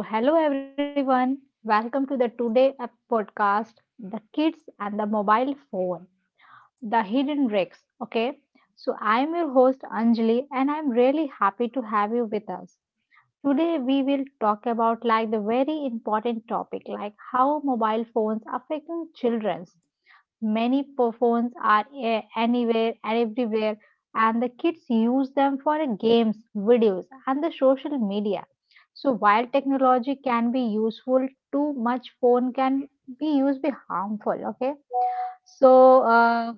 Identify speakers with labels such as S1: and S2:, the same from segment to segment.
S1: So, hello everyone. Welcome to the podcast, The Kids and the Mobile Phone, The Hidden Risks. Okay. So, I'm your host Anjali and I'm really happy to have you with us. Today we will talk about like the very important topic like how mobile phones affecting children. Phones are anywhere and everywhere, and the kids use them for games, videos, and the social media. So while technology can be useful, too much phone can be used be harmful. Okay, so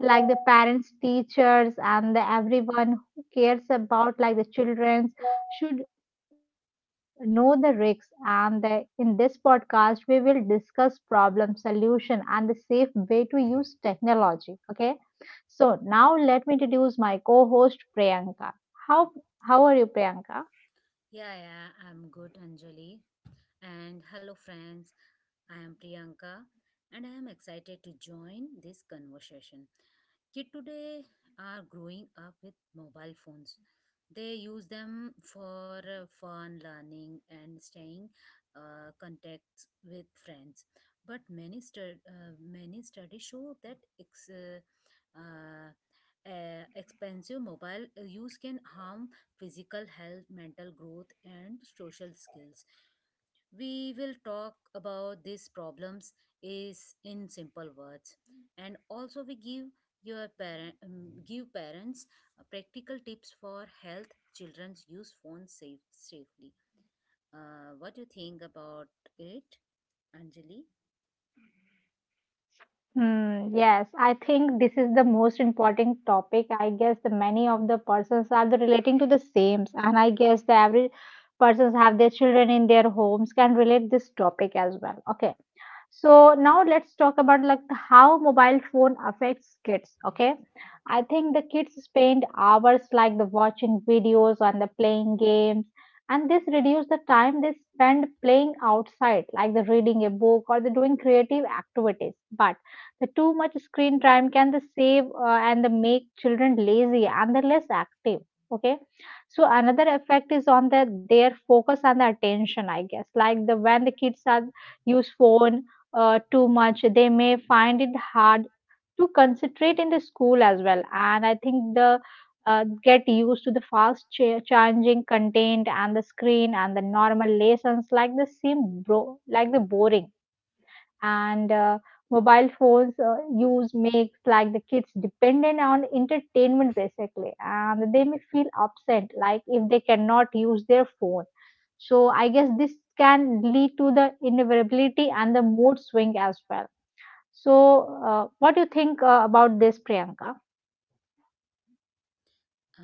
S1: like the parents teachers and the everyone who cares about like the children should know the risks and the, in this podcast we will discuss problem solution and the safe way to use technology. Okay, so now let me introduce my co-host Priyanka. How how are you, Priyanka?
S2: Yeah, yeah, I'm good, Anjali. And hello, friends. I am Priyanka and I am excited to join this conversation. Kids today are growing up with mobile phones. They use them for fun, learning, and staying contacts with friends. But many studies show that uh, expensive mobile use can harm physical health, mental growth, and social skills. We will talk about these problems is in simple words and also we give parents practical tips for health children's use phones safely. What do you think about it, Anjali?
S1: Hmm, yes, I think this is the most important topic. I guess the many of the persons are the relating to the same, and I guess the every persons have their children in their homes can relate this topic as well. Okay, so now let's talk about like how mobile phone affects kids. Okay, I think the kids spend hours like the watching videos and the playing games, and this reduce the time they spend playing outside like the reading a book or the doing creative activities, but the too much screen time can the save and the make children lazy and the less active. Okay, so another effect is on the their focus and the attention. I guess like the when the kids are use phone too much, they may find it hard to concentrate in the school as well. And I think the get used to the changing content and the screen and the normal lessons like the same bro like the boring, and mobile phones use makes like the kids dependent on entertainment basically, and they may feel upset like if they cannot use their phone. So I guess this can lead to the inevitability and the mood swing as well. So, what do you think about this, Priyanka?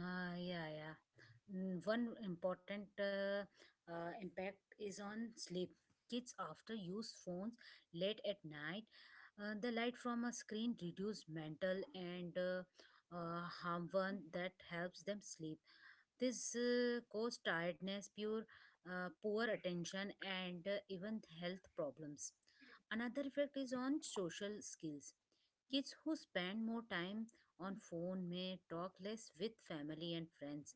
S2: Ah, yeah, yeah. One important impact is on sleep. Kids after use phones late at night. The light from a screen reduce mental and harmful that helps them sleep. This cause tiredness, poor attention, and even health problems. Another effect is on social skills. Kids who spend more time on phone may talk less with family and friends.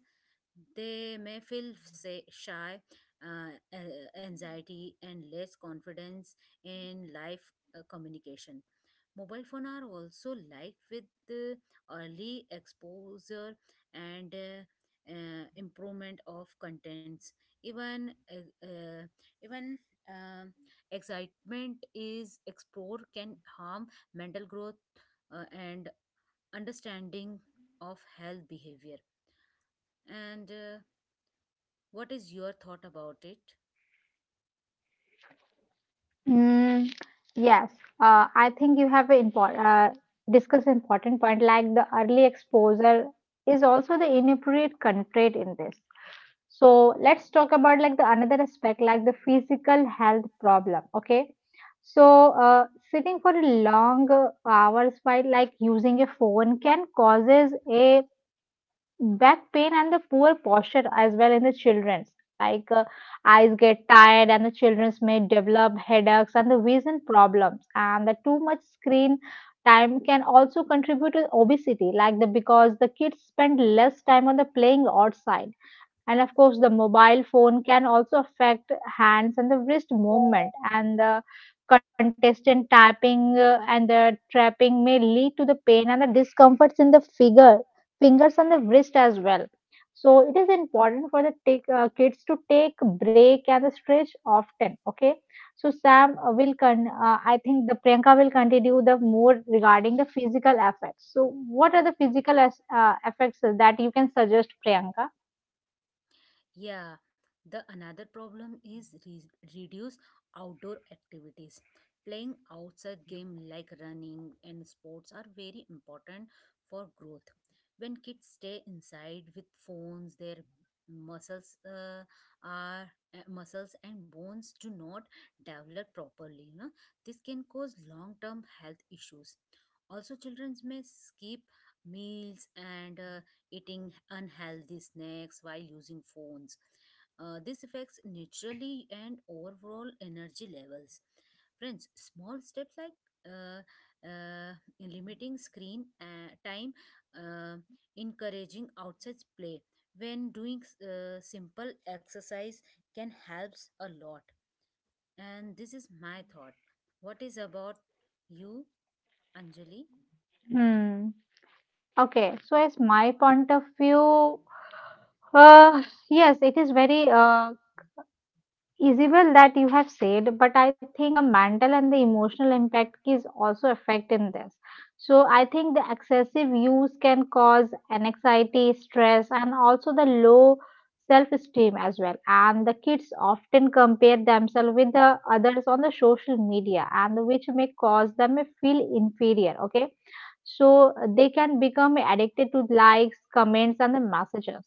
S2: They may feel shy, anxiety, and less confidence in life communication. Mobile phone are also liked with the early exposure and improvement of contents even uh, uh, even um, excitement is explore can harm mental growth and understanding of health behavior. And What is your thought about it?
S1: Mm, yes, I think you have important discuss important point like the early exposure is also the inappropriate constraint in this. So let's talk about like the another aspect like the physical health problem. Okay, so sitting for long hours while like using a phone can causes a back pain and the poor posture as well in the children's. like uh, Eyes get tired and the children's may develop headaches and the vision problems, and the too much screen time can also contribute to obesity like the because the kids spend less time on the playing outside. And of course the mobile phone can also affect hands and the wrist movement, and the contestant tapping and the trapping may lead to the pain and the discomforts in the figure fingers and the wrist as well. So it is important for the take, kids to take break and the stretch often. Okay. So Sam will con. I think the Priyanka will continue the more regarding the physical effects. So what are the physical effects that you can suggest, Priyanka?
S2: Yeah, the another problem is reduce outdoor activities. Playing outside game like running and sports are very important for growth. When kids stay inside with phones, their muscles uh, muscles and bones do not develop properly. This can cause long-term health issues. Also, children may skip meals and eating unhealthy snacks while using phones. This affects naturally and overall energy levels. Friends, small steps like uh, uh, limiting screen time, uh, encouraging outside play when doing simple exercise can helps a lot. And this is my thought. What is about you, Anjali?
S1: Hmm. Okay. So as my point of view, uh, yes, it is very Isabel, that you have said, but I think the mental and the emotional impact is also affecting this. So I think the excessive use can cause anxiety, stress, and also the low self-esteem as well. And the kids often compare themselves with the others on the social media, and which may cause them to feel inferior. Okay, so they can become addicted to likes, comments, and the messages.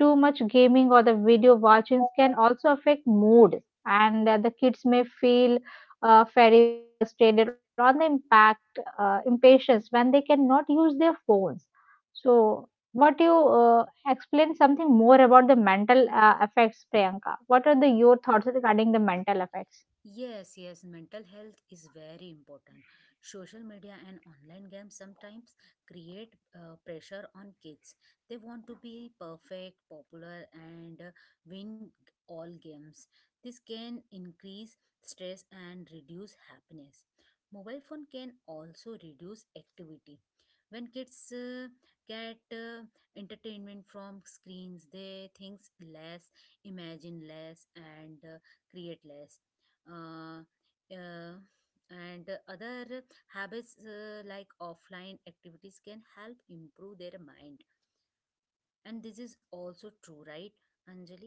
S1: Too much gaming or the video watchings can also affect mood, and the kids may feel feeble, frustrated, or the impact impatience when they cannot use their phones. So, what you explain something more about the mental effects, Priyanka? What are the your thoughts regarding the mental effects?
S2: Yes, yes, mental health is very important. Social media and online games sometimes create pressure on kids. They want to be perfect, popular, and win all games. This can increase stress and reduce happiness. Mobile phone can also reduce activity. When kids get entertainment from screens, they think less, imagine less, and create less uh, uh, and other habits like offline activities can help improve their mind. And this is also true, right, Anjali?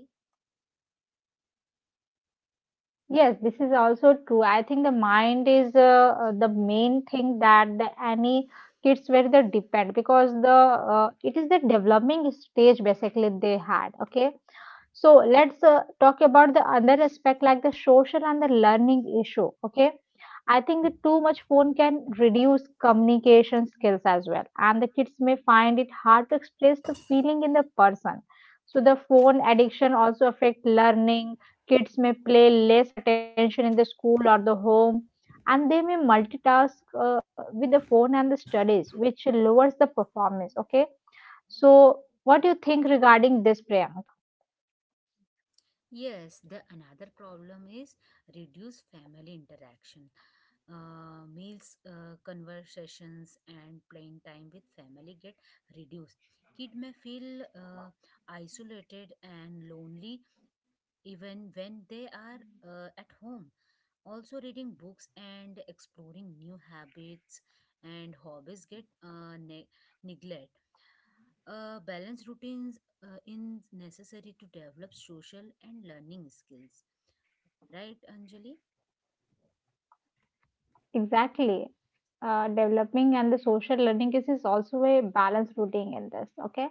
S1: Yes, this is also true. I think the mind is the main thing that the any kids where they depend because the it is the developing stage basically they had. Okay, so let's talk about the other aspect like the social and the learning issue. Okay. I think that too much phone can reduce communication skills as well, and the kids may find it hard to express the feeling in the person. So the phone addiction also affect learning. Kids may play less attention in the school or the home, and they may multitask with the phone and the studies, which lowers the performance. Okay, so what do you think regarding this, Priyanka?
S2: Yes, the another problem is reduce family interaction. Meals, conversations, and playing time with family get reduced. Kid may feel isolated and lonely even when they are at home. Also, reading books and exploring new habits and hobbies get neglect. Balanced routines is necessary to develop social and learning skills, right, Anjali?
S1: Exactly. Developing and the social learning is also a balanced routine in this. Okay.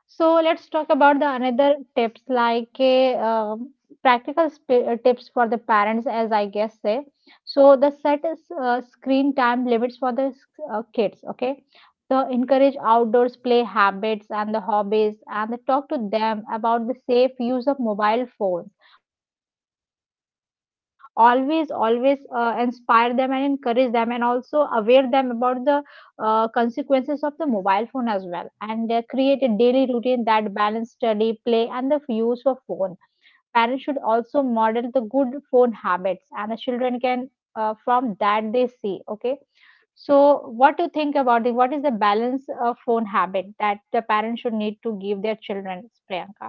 S1: So let's talk about the another tips like practical tips for the parents, as I guess say. So the set is, screen time limits for the kids. Okay, so encourage outdoors play habits and the hobbies, and talk to them about the safe use of mobile phones. Always, inspire them and encourage them, and also aware them about the consequences of the mobile phone as well, and create a daily routine that balance study play and the use of phone. Parents should also model the good phone habits, and the children can from that they see. Okay, so what do you think about the what is the balance of phone habit that the parents should need to give their children, Priyanka?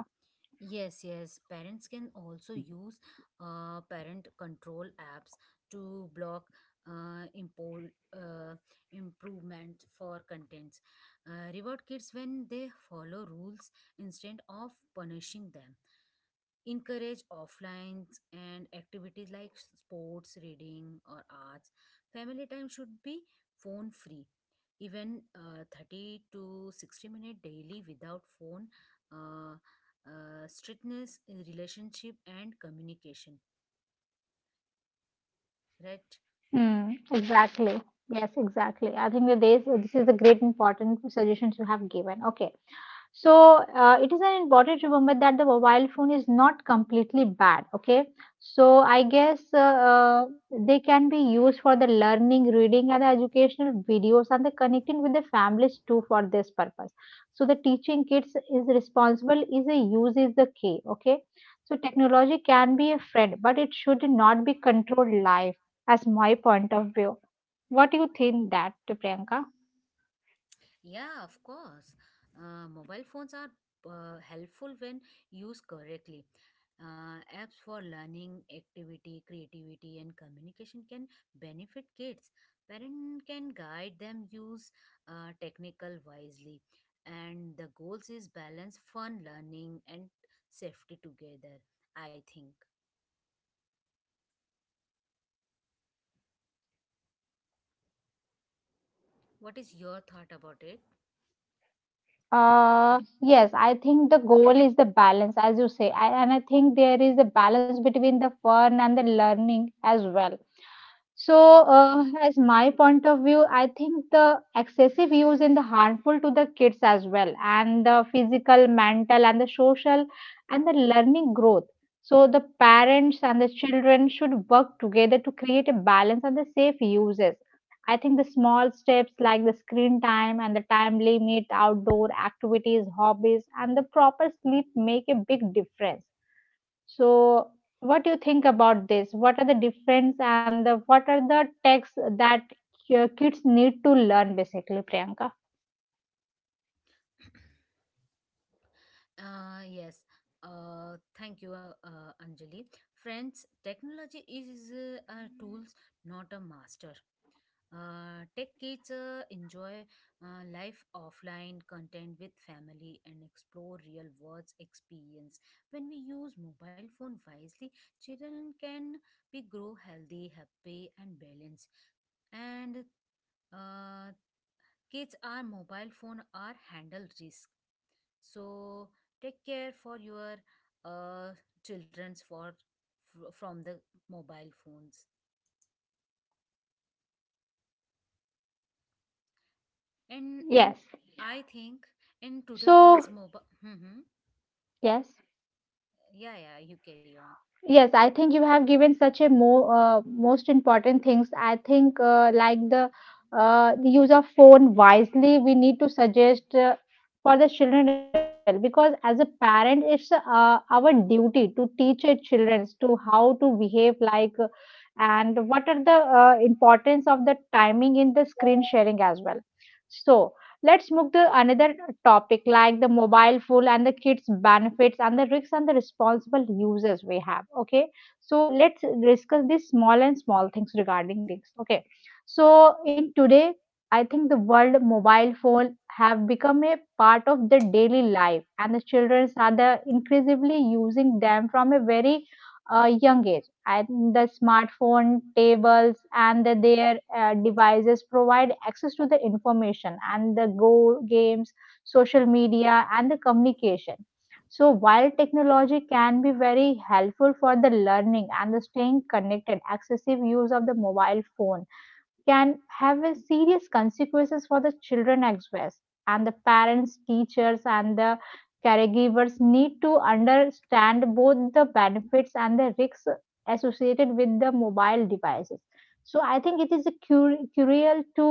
S2: Yes, yes, parents can also use parent control apps to block uh, impo- uh, improvement for contents. Reward kids when they follow rules instead of punishing them. Encourage offlines and activities like sports, reading, or arts. Family time should be phone free, even 30 to 60 minute daily without phone. uh, Strictness in relationship and communication, right?
S1: Hmm, exactly. Yes, exactly. I think that this is a great important suggestions you have given. Okay. So it is an important to remember that the mobile phone is not completely bad. Okay, so I guess they can be used for the learning, reading, and educational videos, and the connecting with the families too for this purpose. So the teaching kids is responsible is a use is the key. Okay, so technology can be a friend, but it should not be controlled life, as my point of view. What do you think that, Priyanka?
S2: Yeah, of course. Mobile phones are helpful when used correctly. Apps for learning, activity, creativity, and communication can benefit kids. Parent can guide them use technical wisely, and the goals is balance, fun, learning, and safety together. I think. What is your thought about it?
S1: Yes, I think the goal is the balance, as you say, I, and I think there is a balance between the fun and the learning as well. So, as my point of view, I think the excessive use in the harmful to the kids as well, and the physical, mental, and the social, and the learning growth. So, the parents and the children should work together to create a balance and the safe uses. I think the small steps like the screen time and the time limit, outdoor activities, hobbies, and the proper sleep make a big difference. So, what do you think about this? What are the difference and the, what are the texts that your kids need to learn basically, Priyanka?
S2: Yes. Thank you, Anjali. Friends, technology is a tools, not a master. Tech kids enjoy life offline content with family and explore real world experience. When we use mobile phone wisely, children can be grow healthy, happy, and balanced. And uh, kids are mobile phone are handle risk, so take care for your uh, children's for from the mobile phones, and
S1: Yes.
S2: I think in
S1: So,
S2: today world's mobile
S1: yes.
S2: yeah, yeah, you carry on.
S1: Yes, I think you have given such a mo most important things. I think like the use of phone wisely, we need to suggest for the children as well, because as a parent, it's our duty to teach our children to how to behave like and what are the importance of the timing in the screen sharing as well. So let's move to another topic like the mobile phone and the kids' benefits and the risks and the responsible users we have. Okay, so let's discuss these small and small things regarding this. Okay, so in today, I think the world mobile phone have become a part of the daily life, and the children are the increasingly using them from a very a young age. And the smartphone, tables, and the, their devices provide access to the information and the go games, social media, and the communication. So while technology can be very helpful for the learning and the staying connected, excessive use of the mobile phone can have a serious consequences for the children as well, and the parents teachers and the caregivers need to understand both the benefits and the risks associated with the mobile devices. So I think it is a cruel to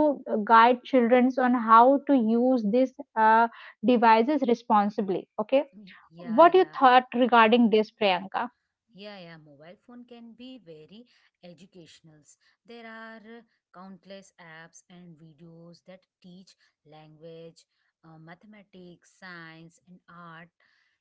S1: guide children on how to use these uh, devices responsibly. Okay,
S2: Yeah,
S1: what you
S2: yeah.
S1: thought regarding this, Priyanka?
S2: Yeah, yeah, mobile phone can be very educational. There are countless apps and videos that teach language, mathematics, science, and art.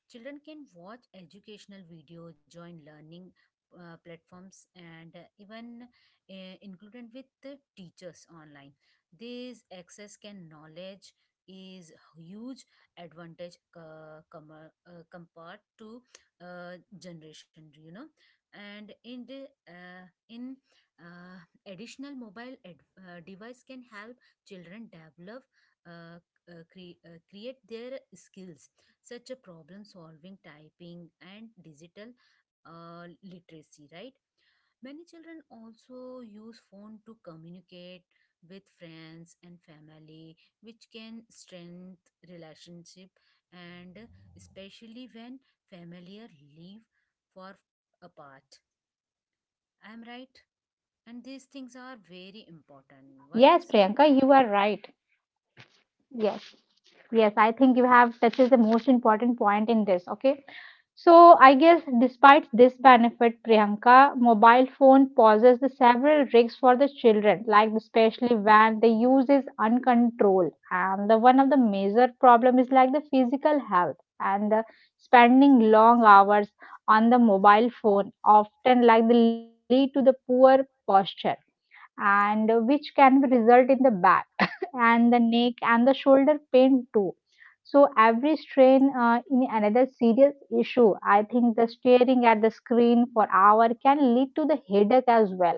S2: Children can watch educational video, join learning platforms, and even included with the teachers online. This access can knowledge is huge advantage compared to uh, generation. And uh, in uh, additional mobile device can help children develop uh, create their skills, such a problem solving, typing, and digital literacy, right? Many children also use phone to communicate with friends and family, which can strengthen relationship, and especially when familiar live for apart. I am right, and these things are very important. What you
S1: Yes,
S2: say?
S1: Priyanka, you are right. Yes. Yes, I think you have touches the most important point in this. Okay. So I guess despite this benefit, Priyanka, mobile phone poses the several risks for the children, like especially when the use is uncontrolled. And the one of the major problem is like the physical health and the spending long hours on the mobile phone often like the lead to the poor posture, and which can result in the bad and the neck and the shoulder pain too. So every strain in another serious issue. I think the staring at the screen for hour can lead to the headache as well,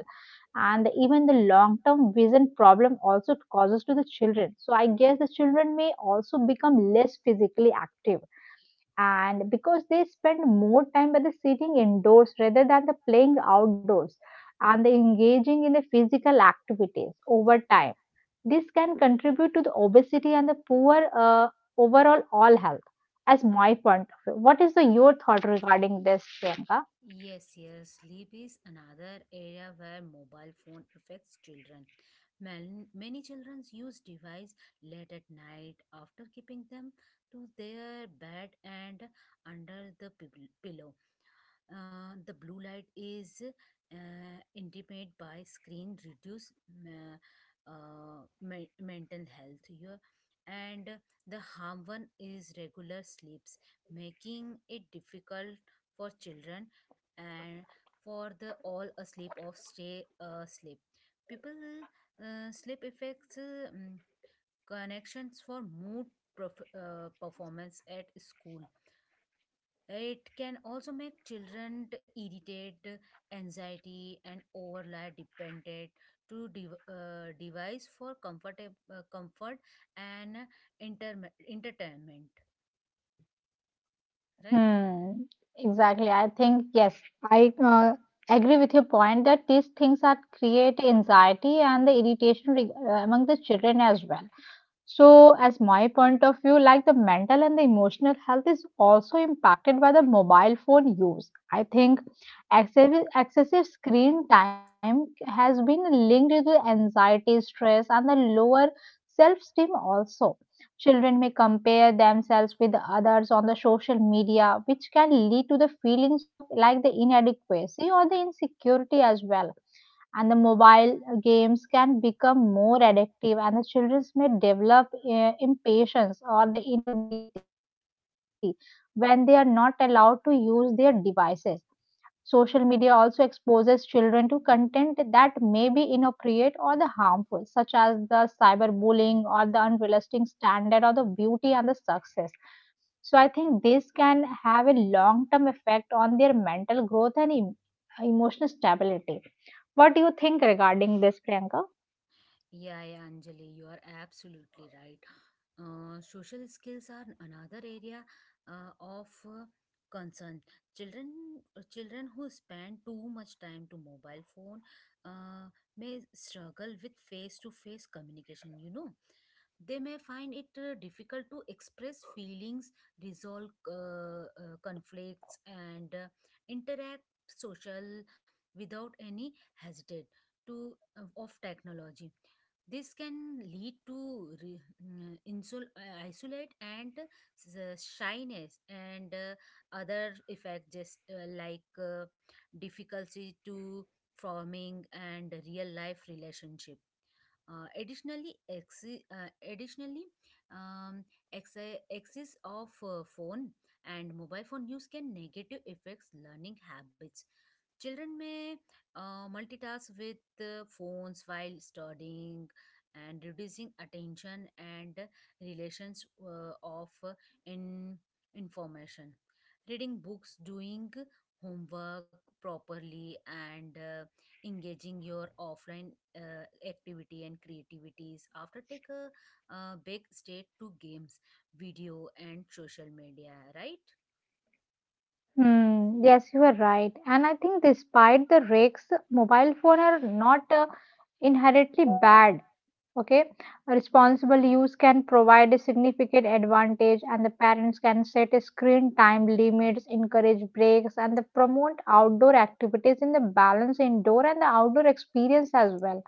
S1: and even the long-term vision problem also causes to the children. So I guess the children may also become less physically active, and because they spend more time by the sitting indoors rather than the playing outdoors, and the engaging in the physical activities over time this can contribute to the obesity and the poor overall all health, as my point of view. What is the, your thought regarding this, Priyanka?
S2: Yes, yes, sleep is another area where mobile phone affects children. Many children use device late at night after keeping them to their bed and under the pillow. The blue light is intimate by screen reduce ma- mental health your, and the harm one is regular sleeps, making it difficult for children and for the all asleep of stay asleep people. Sleep affects connections for mood, performance at school. It can also make children irritate, anxiety, and overly dependent to device for comfort and entertainment, right?
S1: Hmm, exactly. I think, yes, I agree with your point that these things are create anxiety and the irritation among the children as well. So, as my point of view, like the mental and the emotional health is also impacted by the mobile phone use. I think excessive screen time has been linked to anxiety, stress, and the lower self esteem also. Children may compare themselves with others on the social media, which can lead to the feelings of like the inadequacy or the insecurity as well, and the mobile games can become more addictive and the children may develop impatience or the inability when they are not allowed to use their devices. Social media also exposes children to content that may be inappropriate or the harmful such as the cyberbullying or the unrealistic standard or the beauty and the success. So I think this can have a long term effect on their mental growth and emotional stability. What do you think regarding this, Priyanka?
S2: Yeah, yeah, Anjali, you are absolutely right. Social skills are another area of concern. Children, children who spend too much time to mobile phone uh, may struggle with face-to-face communication. They may find it difficult to express feelings, resolve conflicts, and interact social without any hesitate to of technology. This can lead to isolate and shyness, and other effects, just like difficulty to forming and real life relationship. Additionally, uh, additionally, um, ex- excess of phone and mobile phone use can negative affects learning habits. Children may multitask with phones while studying, and reducing attention and relations of in information. Reading books, doing homework properly, and engaging your offline activity and creativities after take a big state to games, video, and social media, right?
S1: Hmm, yes, you are right. And I think despite the risks, mobile phone are not inherently bad. Okay, responsible use can provide a significant advantage, and the parents can set a screen time limits, encourage breaks, and the promote outdoor activities in the balance indoor and the outdoor experience as well.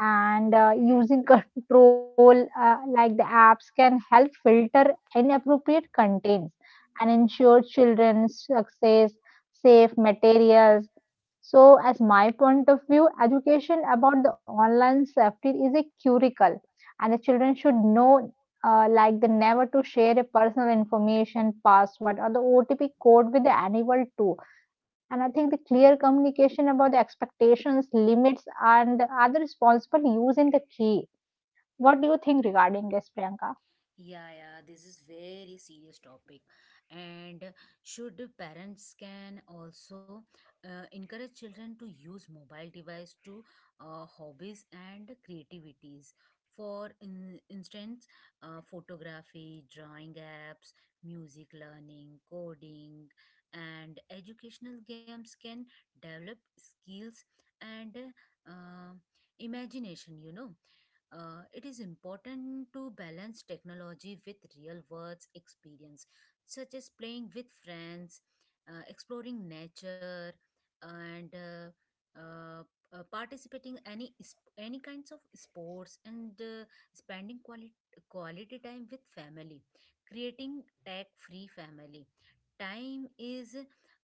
S1: And using control like the apps can help filter inappropriate contents and ensure children's access safe materials. So as my point of view education about the online safety is a curricle, and the children should know like the never to share a personal information password or the otp code with the animal too. And I think the clear communication about the expectations, limits, and other responsible use in the key. What do you think regarding this, Priyanka?
S2: Yeah, yeah, this is very serious topic, and should parents can also encourage children to use mobile device to hobbies and creativities. For instance, photography, drawing apps, music learning, coding, and educational games can develop skills and uh, imagination. It is important to balance technology with real world experience, such as playing with friends, exploring nature, and participating any kinds of sports, and spending quality time with family, creating tech free family. Time is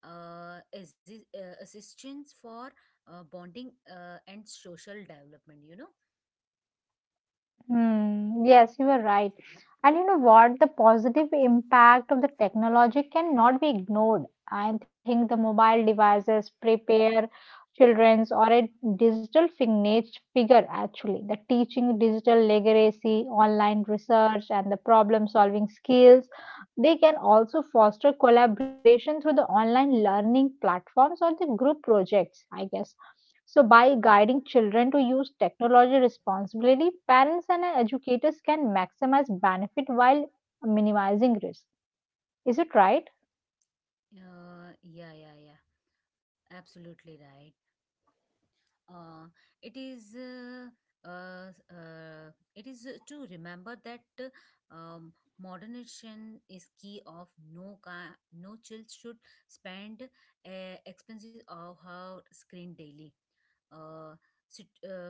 S2: assistance for bonding and social development.
S1: Hmm, yes, you are right. And you know what? The positive impact of the technology cannot be ignored. I think the mobile devices prepare children's or a digital fignage figure actually. The teaching digital literacy, online research, and the problem solving skills. They can also foster collaboration through the online learning platforms or the group projects, I guess. So, by guiding children to use technology responsibly, parents and educators can maximize benefit while minimizing risk. Is it right?
S2: Yeah, yeah, yeah. Absolutely right. uh, it is uh, uh, to remember that um, moderation is key of no child should spend expenses of her screen daily. uh, sit- uh,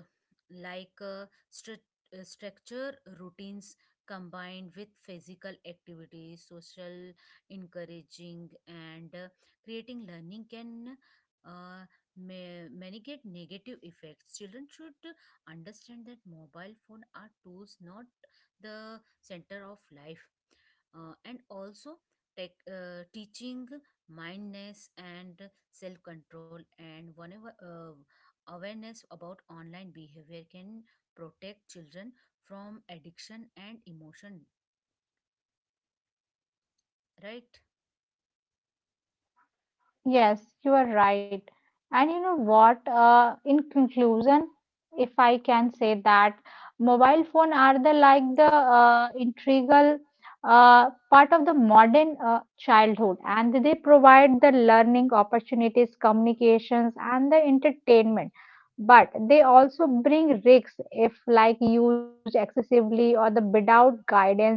S2: like uh, stru- Structure routines combined with physical activity, social encouraging, and creating learning can uh, may many get negative effects. Children should understand that mobile phone are tools, not the center of life. And also teaching mindness and self control, and whenever awareness about online behavior can protect children from addiction and emotion, right?
S1: Yes, you are right. And you know what? In conclusion, if I can say that, mobile phone are the like the integral part of the modern childhood, and they provide the learning opportunities, communications, and the entertainment. But they also bring risks if like used excessively or the without guidance.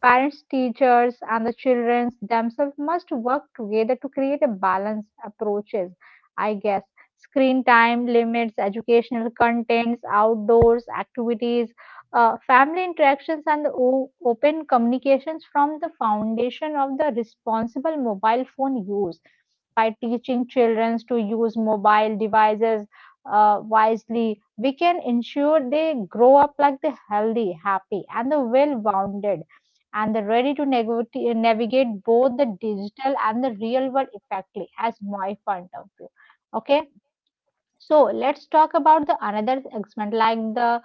S1: Parents, teachers, and the children themselves must work together to create a balanced approaches, I guess. Screen time limits, educational contents, outdoors activities, family interactions, and the open communications from the foundation of the responsible mobile phone use, by teaching children to use mobile devices wisely, we can ensure they grow up like the healthy, happy, and the well-rounded and they're ready to navigate both the digital and the real world effectively, as my point of view. Okay, so let's talk about the another segment like the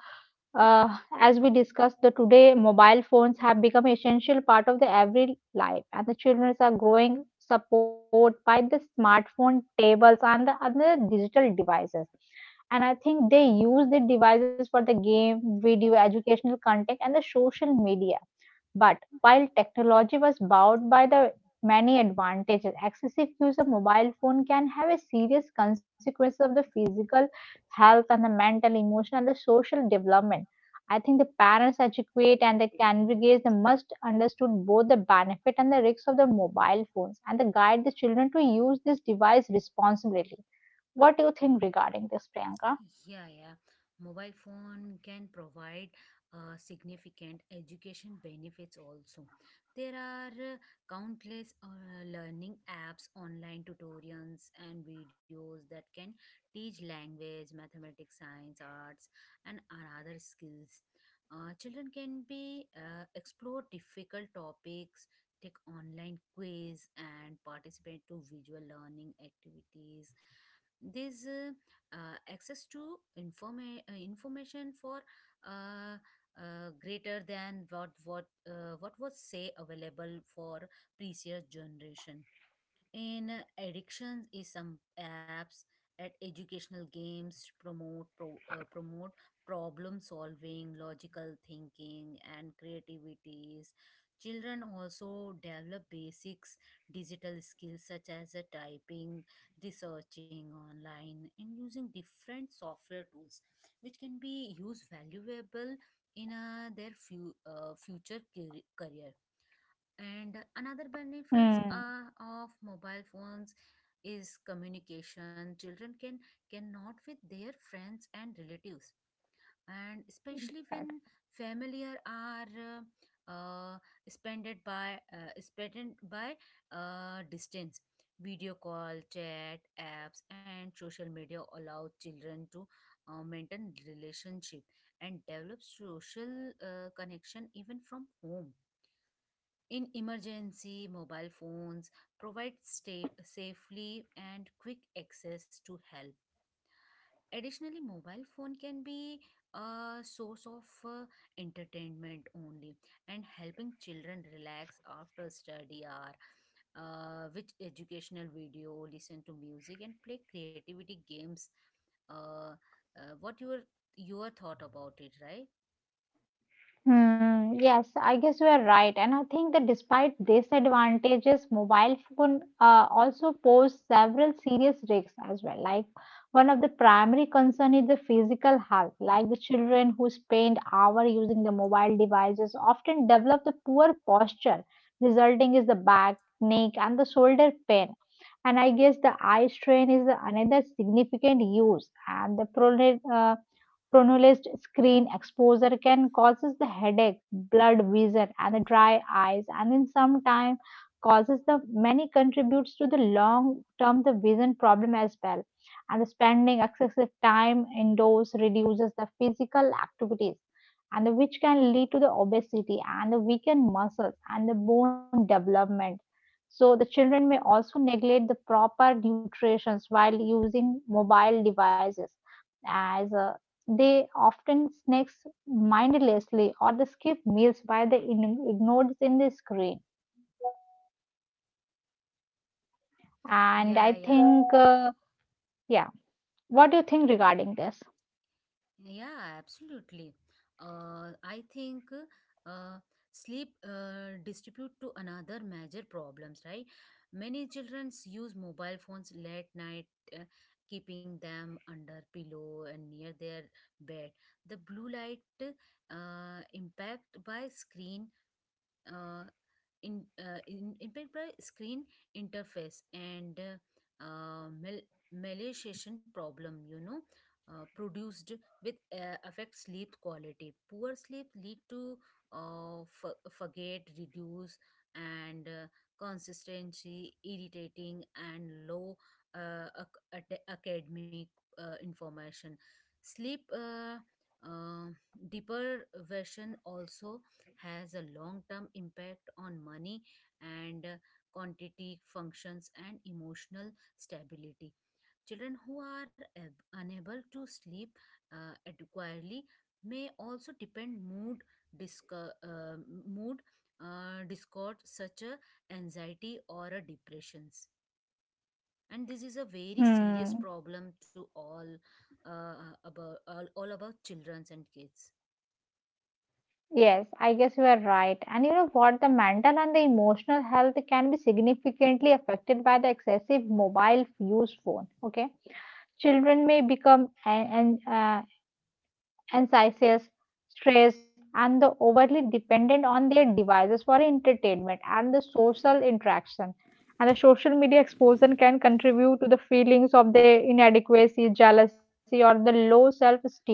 S1: as we discussed the today mobile phones have become essential part of the every life and the children are growing support by the smartphone tables and the other digital devices. And I think they use the devices for the game video educational content and the social media. But while technology was bound by the many advantages, excessive use of mobile phone can have a serious consequence of the physical health and the mental, emotional, and the social development. I think the parents educate and the congregate they must understand both the benefit and the risks of the mobile phones and they guide the children to use this device responsibly. What do you think regarding this, Priyanka?
S2: Yeah, yeah. Mobile phone can provide significant education benefits also. There are countless learning apps, online tutorials, and videos that can teach language, mathematics, science, arts, and other skills. Children can be explore difficult topics, take online quiz, and participate to visual learning activities. This access to information for uh, greater than what was say available for previous generation. In addictions, is some apps at educational games promote problem solving, logical thinking, and creativities. Children also develop basics digital skills, such as typing, researching online, and using different software tools, which can be used valuable in their future career. And another benefits
S1: Hmm.
S2: of mobile phones is communication. Children cannot with their friends and relatives, and especially when familiar are spended by spent by distance. Video call, chat apps, and social media allow children to maintain relationship and develop social connection even from home. In emergency, mobile phones provide stay safely and quick access to help. Additionally, mobile phone can be a source of entertainment only, and helping children relax after study hour, which educational video, listen to music, and play creativity games. Uh, what your thought about it, right?
S1: Hmm, yes, I guess you are right. And I think that despite disadvantages, mobile phone also pose several serious risks as well. Like one of the primary concern is the physical health. Like the children who spend hour using the mobile devices often develop the poor posture, resulting is the back, neck, and the shoulder pain. And I guess the eye strain is the another significant use and the prolonged Pronounced screen exposure can causes the headache, blood vision, and the dry eyes, and in some time causes the many contributes to the long term the vision problem as well. And the spending excessive time indoors reduces the physical activities, and which can lead to the obesity and the weakened muscles and the bone development. So the children may also neglect the proper nutrition while using mobile devices as a they often snacks mindlessly or they skip meals while they ignored in the screen. And I
S2: Yeah, yeah.
S1: think, yeah, what do you think regarding this?
S2: Yeah, absolutely. I think uh, sleep distribute to another major problems, right? Many children use mobile phones late night, uh, keeping them under pillow and near their bed. The blue light impact by screen. Uh, in impact by screen interface and mal- maliciation problem produced with affect sleep quality poor sleep lead to forget reduce and consistency irritating and low academic information sleep uh, deprivation also has a long term impact on money and quantity functions and emotional stability. Children who are unable to sleep adequately may also depend mood disco- uh, mood discord such as anxiety or a depressions, and this is a very serious
S1: Hmm.
S2: problem to all, uh, about all, about children and kids.
S1: Yes, I guess you are right. And you know what? The mental and the emotional health can be significantly affected by the excessive mobile use phone. Okay. Children may become anxious, stressed, and the overly dependent on their devices for entertainment and the social interaction. And the social media exposure can contribute to the feelings of their inadequacy, jealousy, or the low self esteem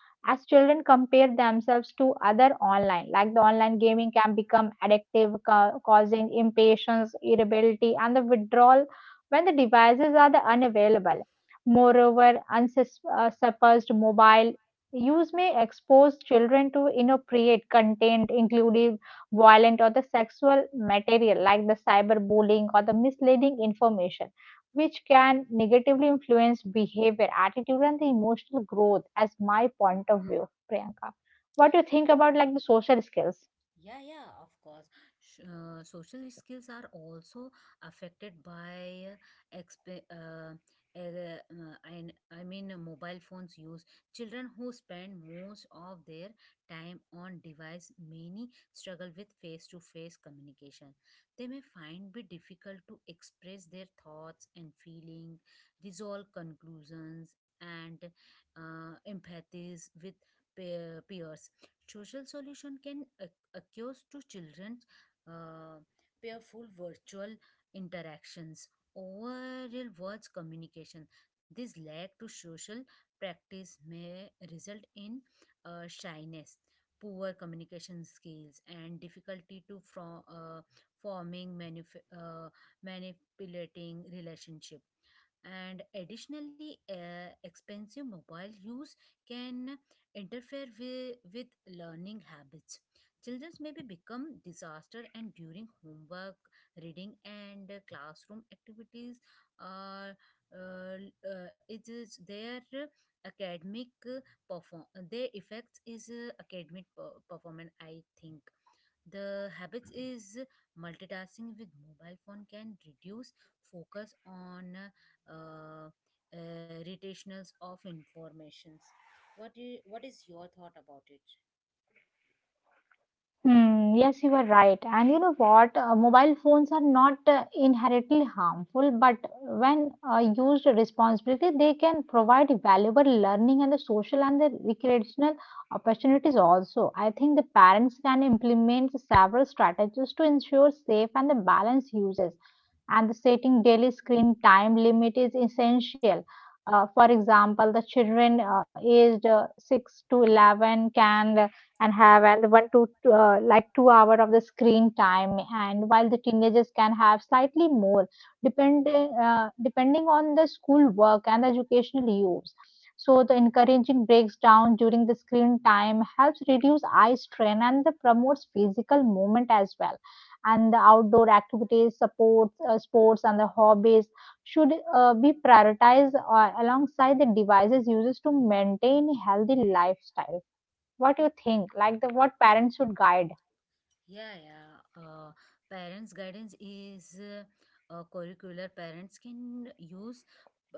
S1: as children compare themselves to other online like the online gaming can become addictive causing impatience irritability and the withdrawal when the devices are the unavailable. Moreover unsuppressed mobile use may expose children to inappropriate content including violent or the sexual material like the cyberbullying or the misleading information, which can negatively influence behavior, attitude, and the emotional growth, as my point of view, Priyanka. What do you think about like the social skills?
S2: Yeah, yeah, of course. Social skills are also affected by exp- uh, mobile phones use. Children who spend most of their time on device many struggle with face-to-face communication. They may find it difficult to express their thoughts and feeling, resolve conclusions, and empathies with peers. Social solution can accused to children's uh, painful virtual interactions over real words communication. This lack to social practice may result in shyness, poor communication skills, and difficulty to from, forming manif- uh, manipulating relationship. And additionally expensive mobile use can interfere with learning habits. Children may be become disaster and during homework reading and classroom activities are, uh, it is their academic perform their effects is academic performance. I think the habits is multitasking with mobile phone can reduce focus on uh, rotationals of informations. What do you, what is your thought about it?
S1: Hmm, yes, you are right. And you know what? Mobile phones are not inherently harmful, but when used responsibly, they can provide valuable learning and the social and the recreational opportunities also. I think the parents can implement several strategies to ensure safe and the balanced uses. And the setting daily screen time limit is essential. For example, the children aged 6 to 11 can and have and one to like 2 hours of the screen time, and while the teenagers can have slightly more depending on the school work and the educational use. So the encouraging breaks down during the screen time helps reduce eye strain and the promotes physical movement as well, and the outdoor activities supports sports and the hobbies should be prioritized alongside the devices uses to maintain healthy lifestyle. What you think? Like the what parents should guide?
S2: Yeah, yeah. Parents' guidance is curricular. Parents can use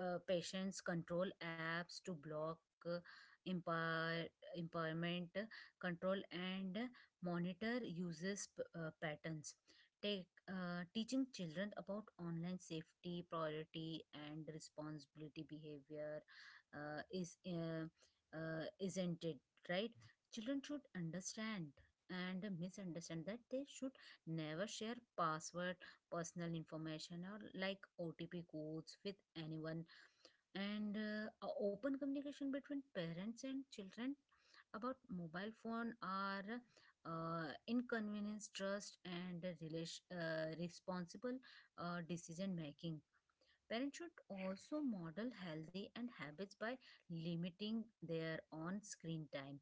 S2: patients control apps to block uh, impair, impairment control and monitor users' patterns. Take teaching children about online safety, priority, and responsibility behavior is, isn't it right? Children should understand and misunderstand that they should never share password, personal information, or like OTP codes with anyone. And a open communication between parents and children about mobile phone are inconvenience trust and relation, responsible decision making. Parents should also model healthy and habits by limiting their on screen time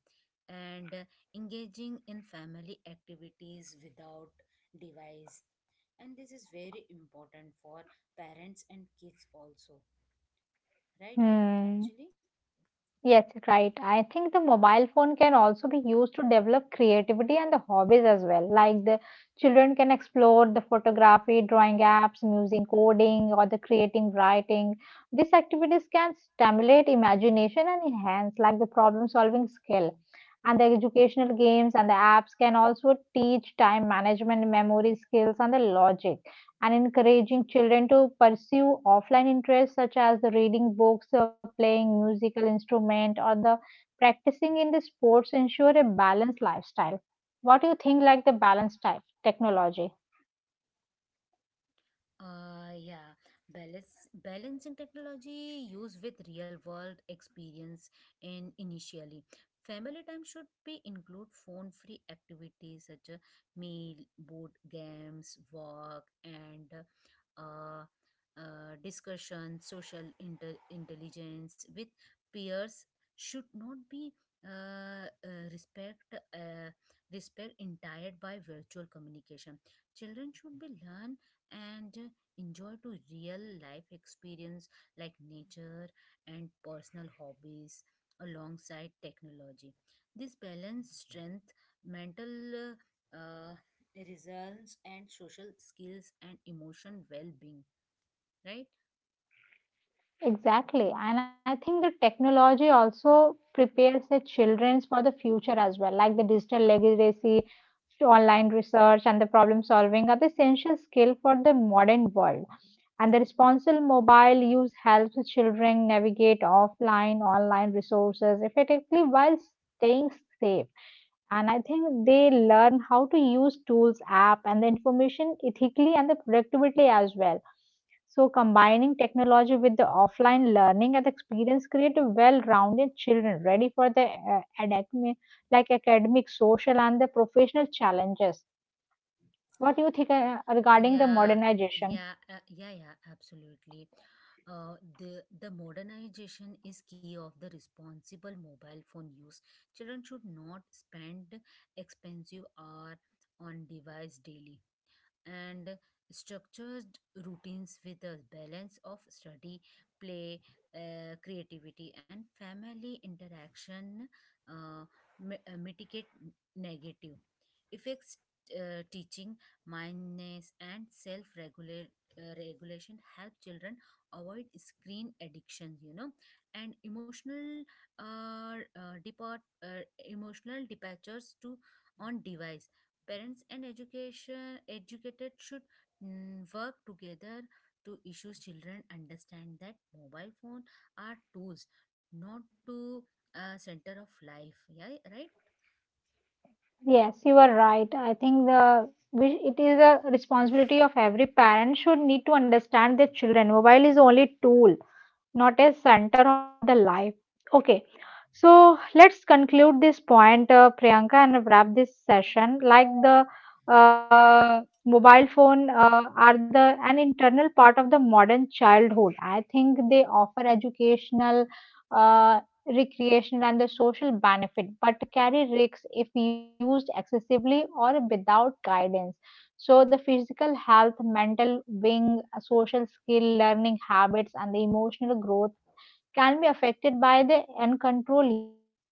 S2: and engaging in family activities without device. And this is very important for parents and kids also, right,
S1: Hmm.
S2: Anjali?
S1: Yes, right. I think the mobile phone can also be used to develop creativity and the hobbies as well. Like the children can explore the photography, drawing apps, music, coding, or the creating, writing. These activities can stimulate imagination and enhance like the problem solving skill. And the educational games and the apps can also teach time management, memory skills, and the logic. And encouraging children to pursue offline interests such as the reading books or playing musical instrument or the practicing in the sports ensure a balanced lifestyle. What do you think like the balanced type technology?
S2: Uh, yeah, Balance, balancing technology use with real world experience and initially. Family time should be include phone free activities such as meal, board games, walk, and uh, discussion. Social intelligence with peers should not be uh, uh, respect uh, respect entired by virtual communication. Children should be learn and enjoy to real life experience like nature and personal hobbies alongside technology. This balance strength mental. Uh, Results and social skills and emotion well-being, right?
S1: Exactly, and I think the technology also prepares the children for the future as well like the digital legacy online research and the problem solving are the essential skill for the modern world. And the responsible mobile use helps children navigate offline, online resources effectively while staying safe. And I think they learn how to use tools, app, and the information ethically and the productively as well. So, combining technology with the offline learning and experience create a well-rounded children ready for the academic, like academic, social, and the professional challenges. What do you think regarding the
S2: Yeah,
S1: modernization?
S2: yeah, uh, yeah, yeah, absolutely. Uh, the modernization is key of the responsible mobile phone use. Children should not spend expensive hour on device daily, and structured routines with a balance of study, play, creativity, and family interaction uh, mitigate negative effects. Teaching mindfulness and self regulation help children avoid screen addictions, and emotional depart emotional departures to on device. Parents and education educated should, mm, work together to issue children understand that mobile phone are tools, not to center of life. Yeah, right.
S1: Yes, you are right. I think it is a responsibility of every parent should need to understand their children. Mobile is only tool not as center of the life. Okay, so let's conclude this point, Priyanka, and wrap this session. Like the mobile phone are the an internal part of the modern childhood. I think they offer educational, uh, recreational, and the social benefit, but carry risks if used excessively or without guidance. So the physical health, mental wing, social skill, learning habits, and the emotional growth can be affected by the uncontrolled uses.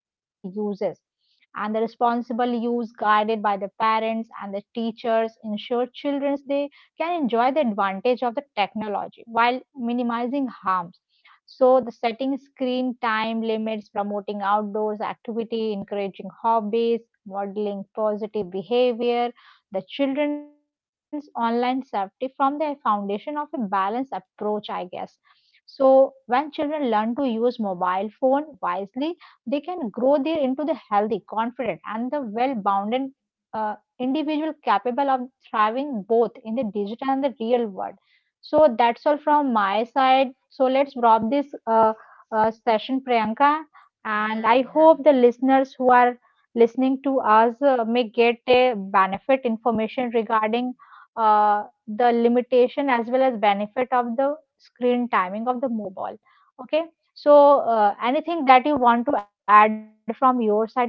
S1: And the responsible use guided by the parents and the teachers ensure children they can enjoy the advantage of the technology while minimizing harms. So the setting screen time limits, promoting outdoors activity, encouraging hobbies, modeling positive behavior, the children's online safety from the foundation of a balanced approach, I guess. So when children learn to use mobile phone wisely, they can grow there into the healthy, confident, and the well-bounded individual capable of thriving both in the digital and the real world. So that's all from my side. So let's wrap this session, Priyanka.
S2: Yeah,
S1: And I
S2: yeah.
S1: hope the listeners who are listening to us may get a benefit information regarding the limitation as well as benefit of the screen timing of the mobile. Okay. So, anything that you want to add from your side, Priyanka?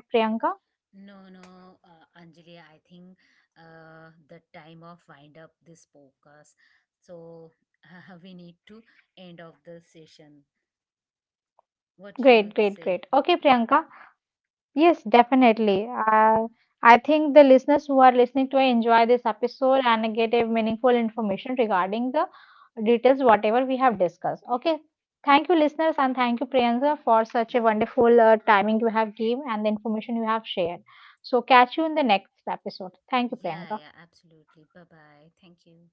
S2: No, no, Anjali, I think the time of wind up this podcast. So we need to end of the session. What you
S1: Great, great,
S2: say?
S1: great. Okay, Priyanka. Yes, definitely. I think the listeners who are listening to enjoy this episode and get a meaningful information regarding the details, whatever we have discussed. Okay. Thank you, listeners, and thank you, Priyanka, for such a wonderful timing you have given and the information you have shared. So, catch you in the next episode. Thank you,
S2: Yeah, yeah,
S1: Priyanka.
S2: absolutely. Bye bye. Thank you.